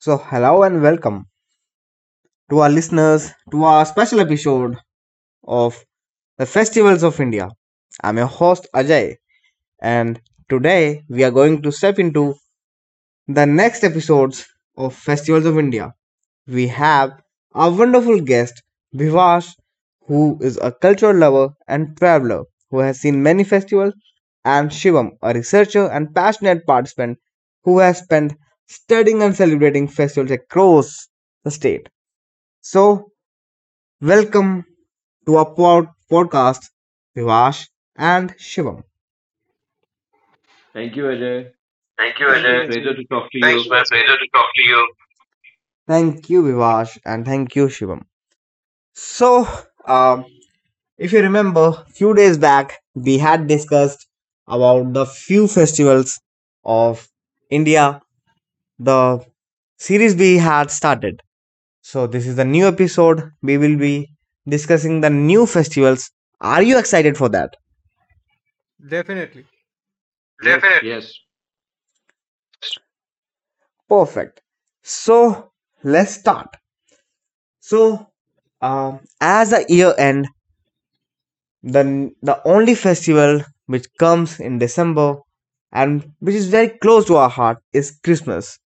So, hello and welcome to our listeners to our special episode of the Festivals of India. I'm your host Ajay, and today we are going to step into the next episodes of Festivals of India. We have our wonderful guest Vivash, who is a cultural lover and traveler who has seen many festivals, and Shivam, a researcher and passionate participant who has spent studying and celebrating festivals across the state. So, welcome to our podcast, Vivash and Shivam. Thank you, Ajay. Thank you, It's Thank you, my Ajay. pleasure Azir. to talk to Thanks, you. my pleasure to talk to you. Thank you, Vivash, and thank you, Shivam. So, um, if you remember, few days back we had discussed about the few festivals of India. The series we had started. So, this is the new episode. We will be discussing the new festivals. Are you excited for that? Definitely. Yes, Definitely. yes. Perfect. So let's start. So, as the year end, the only festival which comes in December and which is very close to our heart is Christmas.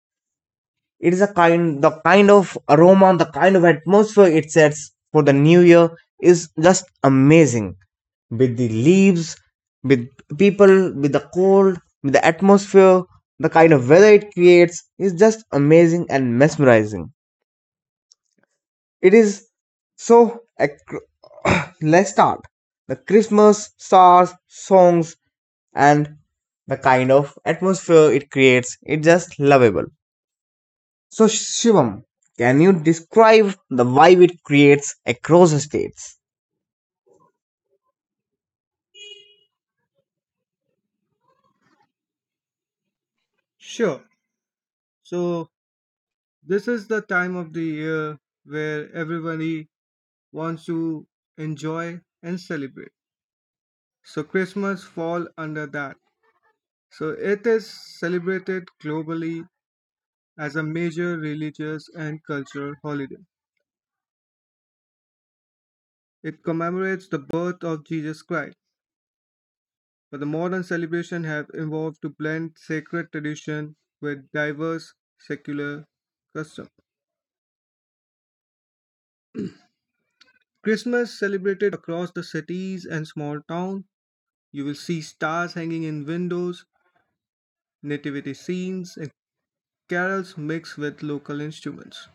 It is a kind of aroma, the kind of atmosphere it sets for the new year is just amazing. With the leaves, with people, with the cold, with the atmosphere, the kind of weather it creates is just amazing and mesmerizing. It is so. Let's start. The Christmas stars, songs, and the kind of atmosphere it creates. It's just lovable. So, Shivam, can you describe the vibe it creates across the states? Sure. So, this is the time of the year where everybody wants to enjoy and celebrate. So, Christmas fall under that. So, it is celebrated globally as a major religious and cultural holiday. It commemorates the birth of Jesus Christ, but the modern celebration have evolved to blend sacred tradition with diverse secular customs. Christmas celebrated across the cities and small town. You will see stars hanging in windows, nativity scenes, and carols mixed with local instruments.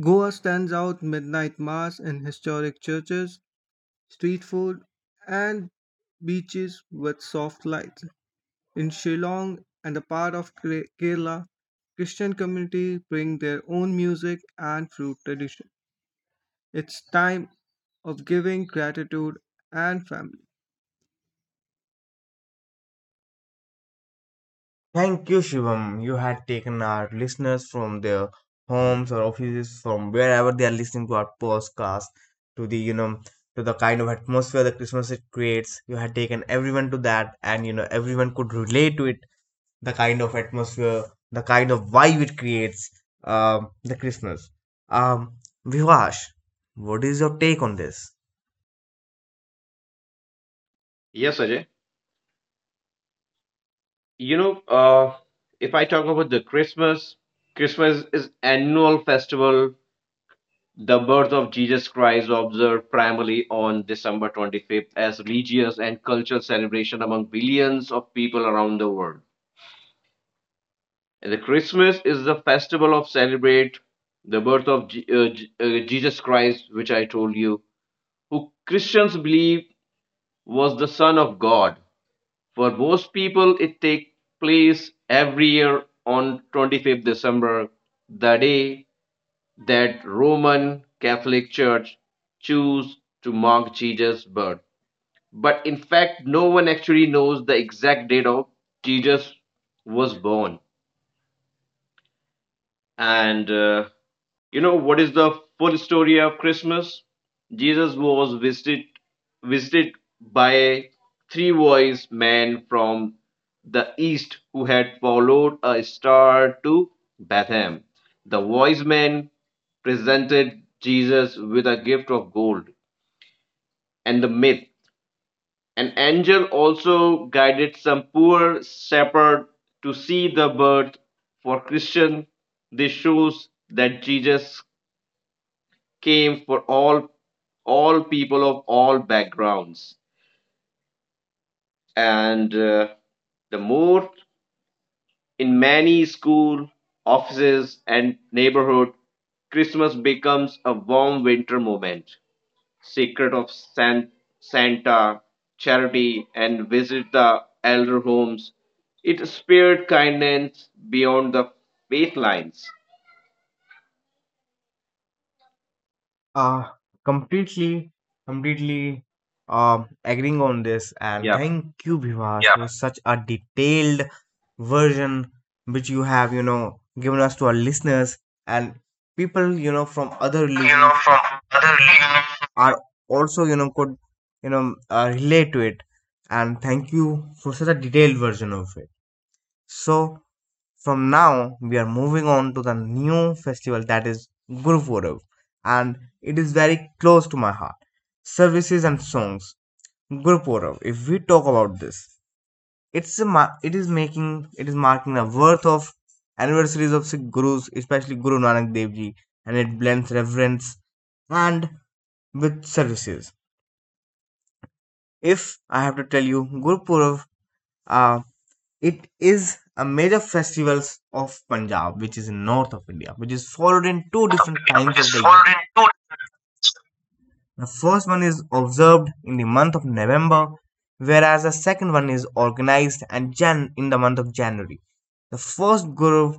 Goa stands out midnight mass in historic churches, street food, and beaches with soft lights. In Shillong and a part of Kerala, Christian communities bring their own music and fruit tradition. It's time of giving gratitude and family. Thank you, Shivam. You had taken our listeners from their homes or offices, from wherever they are listening to our podcast, to the to the kind of atmosphere that Christmas it creates. You had taken everyone to that, and everyone could relate to it. The kind of atmosphere, the kind of vibe it creates, the Christmas. Um, Vivash, what is your take on this? Yes, Ajay. You know, uh, if I talk about the Christmas, Christmas is annual festival. The birth of Jesus Christ observed primarily on December 25th as religious and cultural celebration among billions of people around the world. And the Christmas is the festival of celebrate the birth of Jesus Christ, which I told you, who Christians believe was the Son of God. For most people, it takes place every year on 25th December, the day that Roman Catholic Church choose to mark Jesus' birth. But in fact, no one actually knows the exact date of Jesus was born. And You know what is the full story of Christmas? Jesus was visited by three wise men from the east who had followed a star to Bethlehem. The wise men presented Jesus with a gift of gold and the myth. An angel also guided some poor shepherd to see the birth. For Christian, this shows that Jesus came for all people of all backgrounds and the more in many school offices and neighborhood christmas becomes a warm winter moment secret of santa charity and visit the elder homes it spared kindness beyond the faith lines Uh, completely, completely agreeing on this. And yeah thank you, Yeah, for such a detailed version which you have, given us to our listeners and people, from other religions other religions. are also, could, relate to it. And thank you for such a detailed version of it. So, from now we are moving on to the new festival that is Gurpurab and it is very close to my heart. Services and songs. Gurpurab, if we talk about this, it's a ma- it is making it is marking the worth of anniversaries of Sikh gurus, especially Guru Nanak Dev Ji, and it blends reverence and with services. If I have to tell you, Gurpurab uh, It is a major festivals of Punjab, which is in north of India, which is followed in two different times of the year. The first one is observed in the month of November, whereas the second one is organized and Jan in the month of January. The first Guru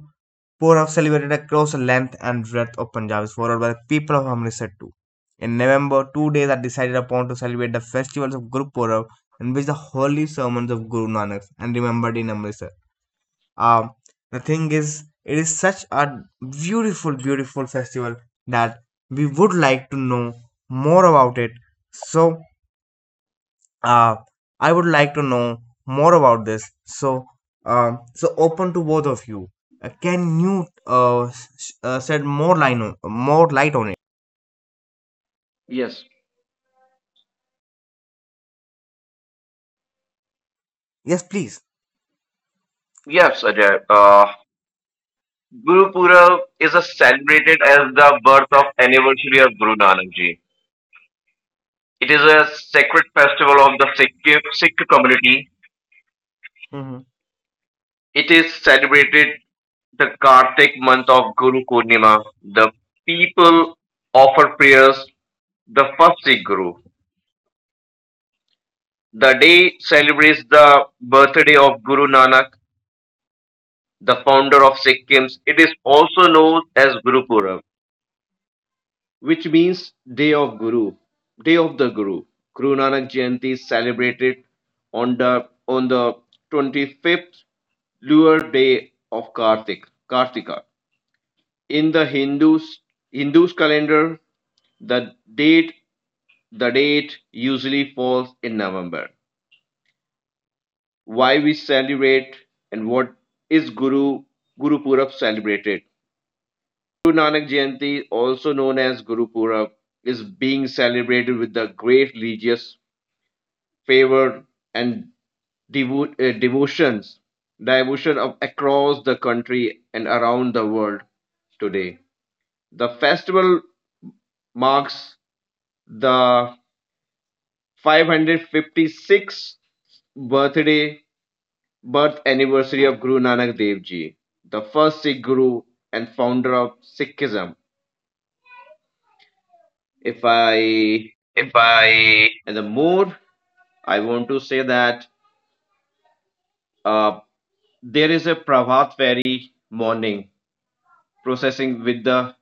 Purab celebrated across the length and breadth of Punjab is followed by the people of Amritsar too. In November, 2 days are decided upon to celebrate the festivals of Guru Purab, in which the holy sermons of Guru Nanak and remembered in Amritsar. um the thing is it is such a beautiful festival that we would like to know more about it. So uh I would like to know more about this. So, so open to both of you. Can you shed more more light on yes it, yes please. yes Yes, Ajay. Ajay. Guru Guru Purab Purab is is a a celebrated celebrated as as the the birth birth of of anniversary anniversary of of Guru Guru Nanak Nanak Ji. Ji. It It is is a a sacred sacred festival festival of of the the Sikh Sikh community. community. Mhm. It It is is celebrated celebrated the the Kartik Kartik month month of of Guru Guru Purnima. Purnima. The The people people offer offer prayers prayers the the first first Sikh Sikh Guru. Guru. The The day day celebrates celebrates the the birthday birthday of of Guru Guru Nanak, Nanak, the the founder founder of of Sikhs. Sikhs. It It is is also also known known as as Guru Guru Purnima. Purab, which means Day of Guru, Day of the Guru. Guru Nanak Jayanti is celebrated on the 25th lunar day of Kartika. In the Hindus calendar, the date the date usually falls in November. Why we celebrate and what is Guru Purab celebrated? So I think so Guru Nanak Jayanti, also known as Guru Purab, is being celebrated with the great religious fervor and devo- uh, devotions, devotion of across the country and around the world today. The festival marks the 556th birthday birth anniversary of Guru Nanak Dev Ji, the first Sikh Guru and founder of Sikhism. If I If I and the more I want to say that uh, there is a Prabhat Ferry morning processing with the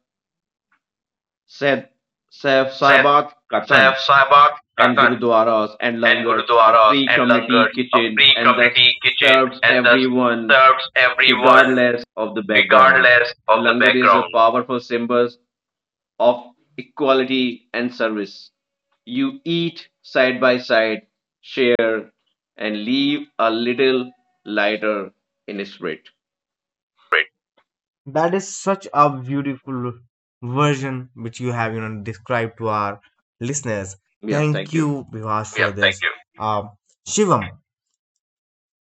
Seth, Seth said Sahabat Saif Katan Sahibat and Katan Gurudwaras and and Langars, a Gurudwaras free and Langars, community a kitchen, free and thus community kitchen serves and thus everyone serves everyone regardless of the background. regardless of the Langar is a background. powerful symbol of equality and service. You eat side by side, share, and leave a little lighter in spirit. That is such a beautiful version which you have, described to our listeners. Yeah, thank Thank you. you, Vivash, for Yeah, this. Thank you. Shivam,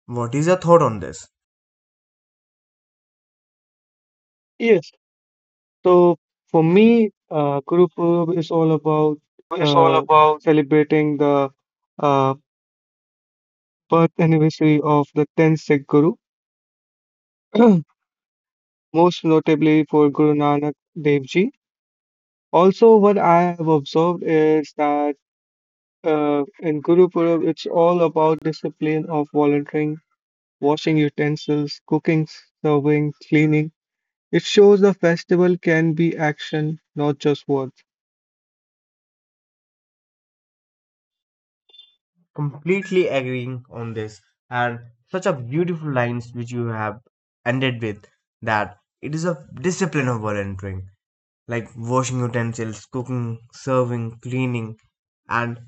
what is your thought on this? Yes, so for me, Guru Purab is all about It's all uh, about celebrating the uh, birth anniversary of the 10th Sikh Guru, most notably for Guru Nanak Dev Ji. Also, what I have observed is that in Guru Purab, it's all about discipline of volunteering, washing utensils, cooking, serving, cleaning. It shows the festival can be action, not just words. completely agreeing on this and such a beautiful lines which you have ended with that it is a discipline of volunteering like washing utensils, cooking, serving, cleaning. And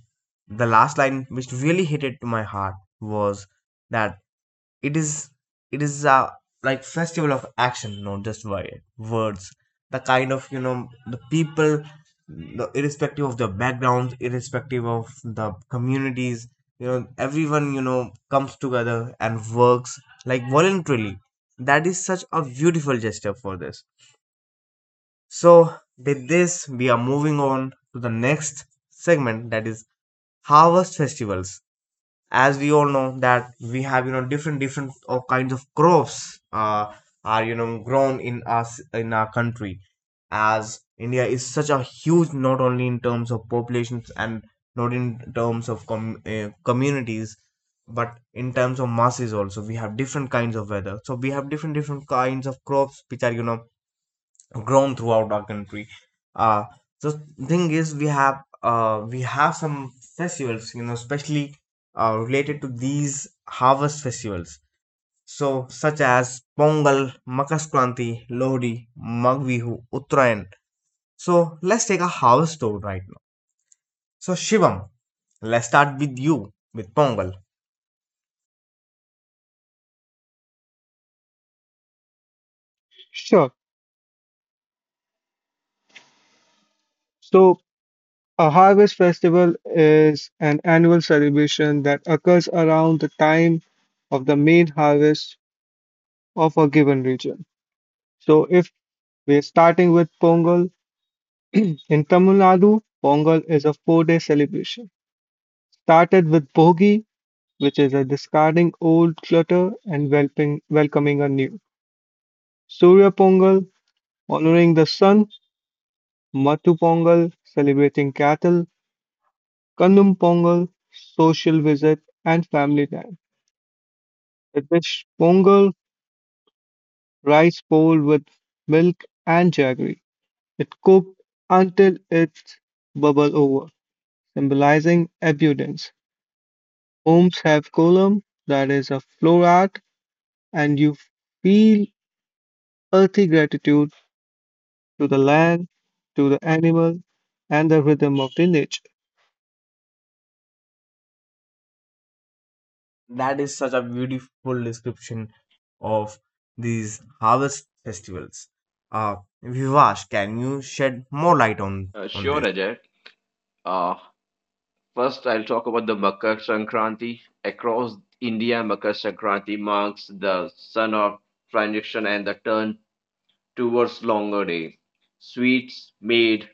the last line, which really hit it to my heart, was that it is it is a like festival of action, not just words. The kind of the people, the, irrespective of their backgrounds, irrespective of the communities, everyone comes together and works like voluntarily. That is such a beautiful gesture for this. So, with this, we are moving on to the next segment that is harvest festivals. As we all know that we have different of kinds of crops are grown in us in our country. As India is such a huge not only in terms of populations and not in terms of communities but in terms of masses also, we have different kinds of weather, so we have different kinds of crops which are grown throughout our country. Uh, the thing is, we have some festivals, especially related to these harvest festivals. So, such as Pongal, Makar Kranti, Lohri, Magh Bihu, Uttarayan. So, let's take a harvest tour right now. So, Shivam, let's start with you with Pongal. Sure. So a harvest festival is an annual celebration that occurs around the time of the main harvest of a given region. So, if we're starting with Pongal, in Tamil Nadu, Pongal is a four-day celebration. Started with Bogi, which is a discarding old clutter and welcoming a new. Surya Pongal, honoring the sun. Matu Pongal, celebrating cattle. Kannum Pongal, social visit and family time. It was Mongol rice bowl with milk and jaggery. It cooked until it bubbled over, symbolizing abundance. Homes have kolam, that is a floor art, and you feel earthy gratitude to the land, to the animal, and the rhythm of the nature. That is such a beautiful description of these harvest festivals. Uh, Vivash, can you shed more light on Sure, this? Ajay. Uh, First, I'll talk about the Makar Sankranti. Across India, Makar Sankranti marks the sun of transition and the turn towards longer day. Sweets made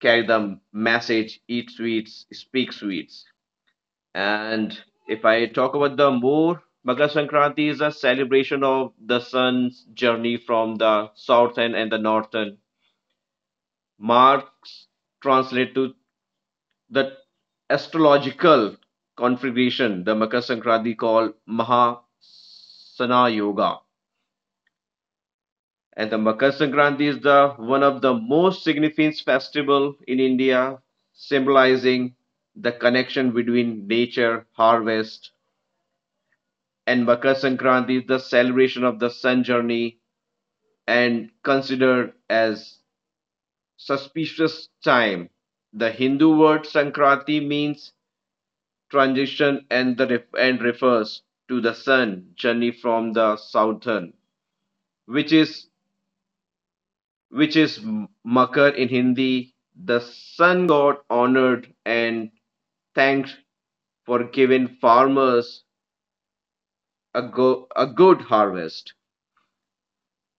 carry the message eat sweets, speak sweets. And if I talk about the more, Makar Sankranti is a celebration of the sun's journey from the southern and the northern. Marks translate to the astrological configuration, the Makar Sankranti called Mahasana Yoga. And the Makar Sankranti is the one of the most significant festival in India, symbolizing the connection between nature, harvest, and Makar Sankranti is the celebration of the sun journey and considered as auspicious time. The Hindu word Sankranti means transition and refers to the sun journey from the southern, which is which is Makar in Hindi. The sun god honored and thanked for giving farmers a, a good harvest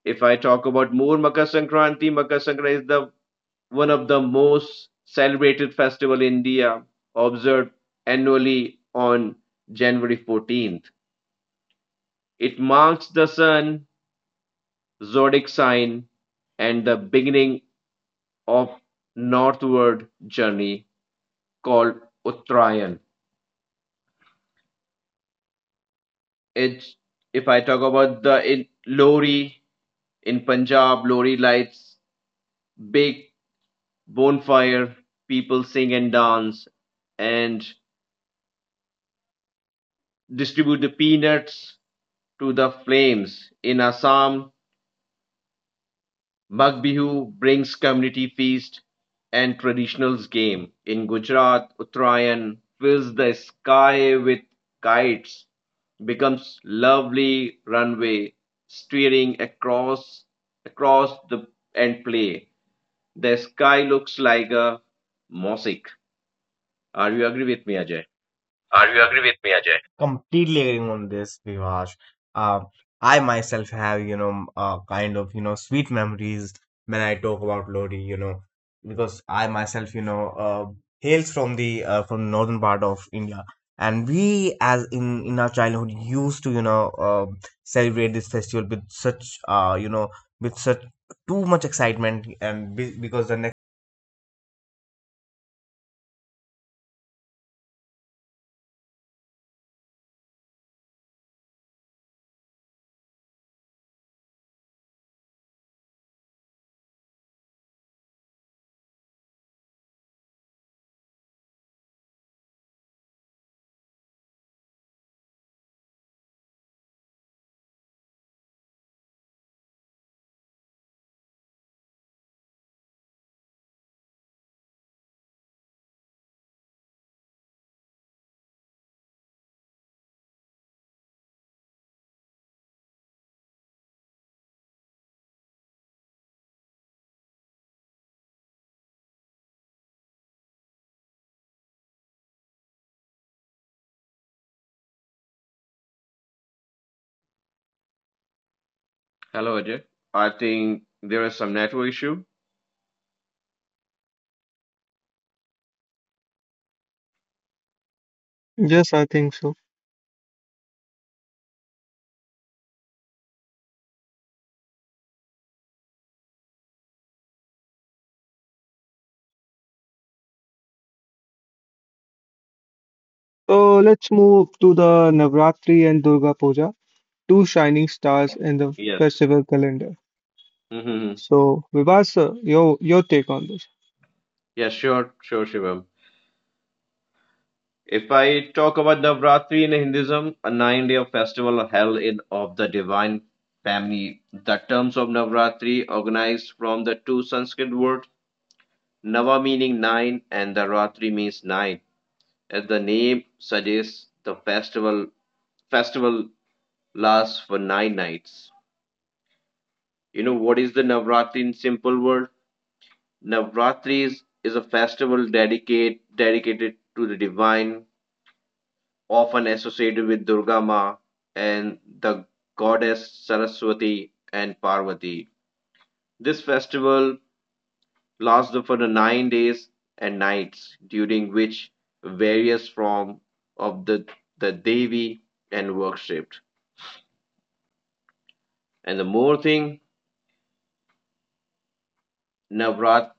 if I talk about more Makar Sankranti is the one of the most celebrated festival in India, observed annually on January 14th. It marks the sun, zodiac sign, and the beginning of northward journey called Uttarayan. It's if I talk about the in Lori in Punjab, Lori lights big bonfire, people sing and dance, and distribute the peanuts to the flames. In Assam, Magh Bihu brings community feast and traditionals game. In Gujarat, Uttarayan fills the sky with kites, becomes lovely runway, steering across the and play. The sky looks like a mosaic. Are you agree with me, Ajay? Are you agree with me, Ajay? Completely agreeing on this, Vivash. Uh, I myself have, kind of, sweet memories when I talk about Lodi, because I myself, hails from the from northern part of India, and we, as in our childhood, used to, celebrate this festival with such, with such too much excitement, and because the next Hello, Ajay. I think there is some network issue. Yes, I think so. So let's move to the Navratri and Durga Puja, two shining stars in the Yes. festival calendar. Mm-hmm. So, Vivas, your take on this? Yeah, sure, sure, Shivam. If I talk about Navratri in Hinduism, a nine-day festival held in of the divine family, the terms of Navratri organized from the two Sanskrit words Nava meaning nine and the Ratri means nine. As the name suggests, the festival lasts for nine nights. You know what is the Navratri in simple word? Navratri is a festival dedicated to the divine often associated with Durga Ma and the goddess Saraswati and Parvati. This festival lasts for the 9 days and nights, during which various forms of the Devi and worshipped. And the more thing, Navrat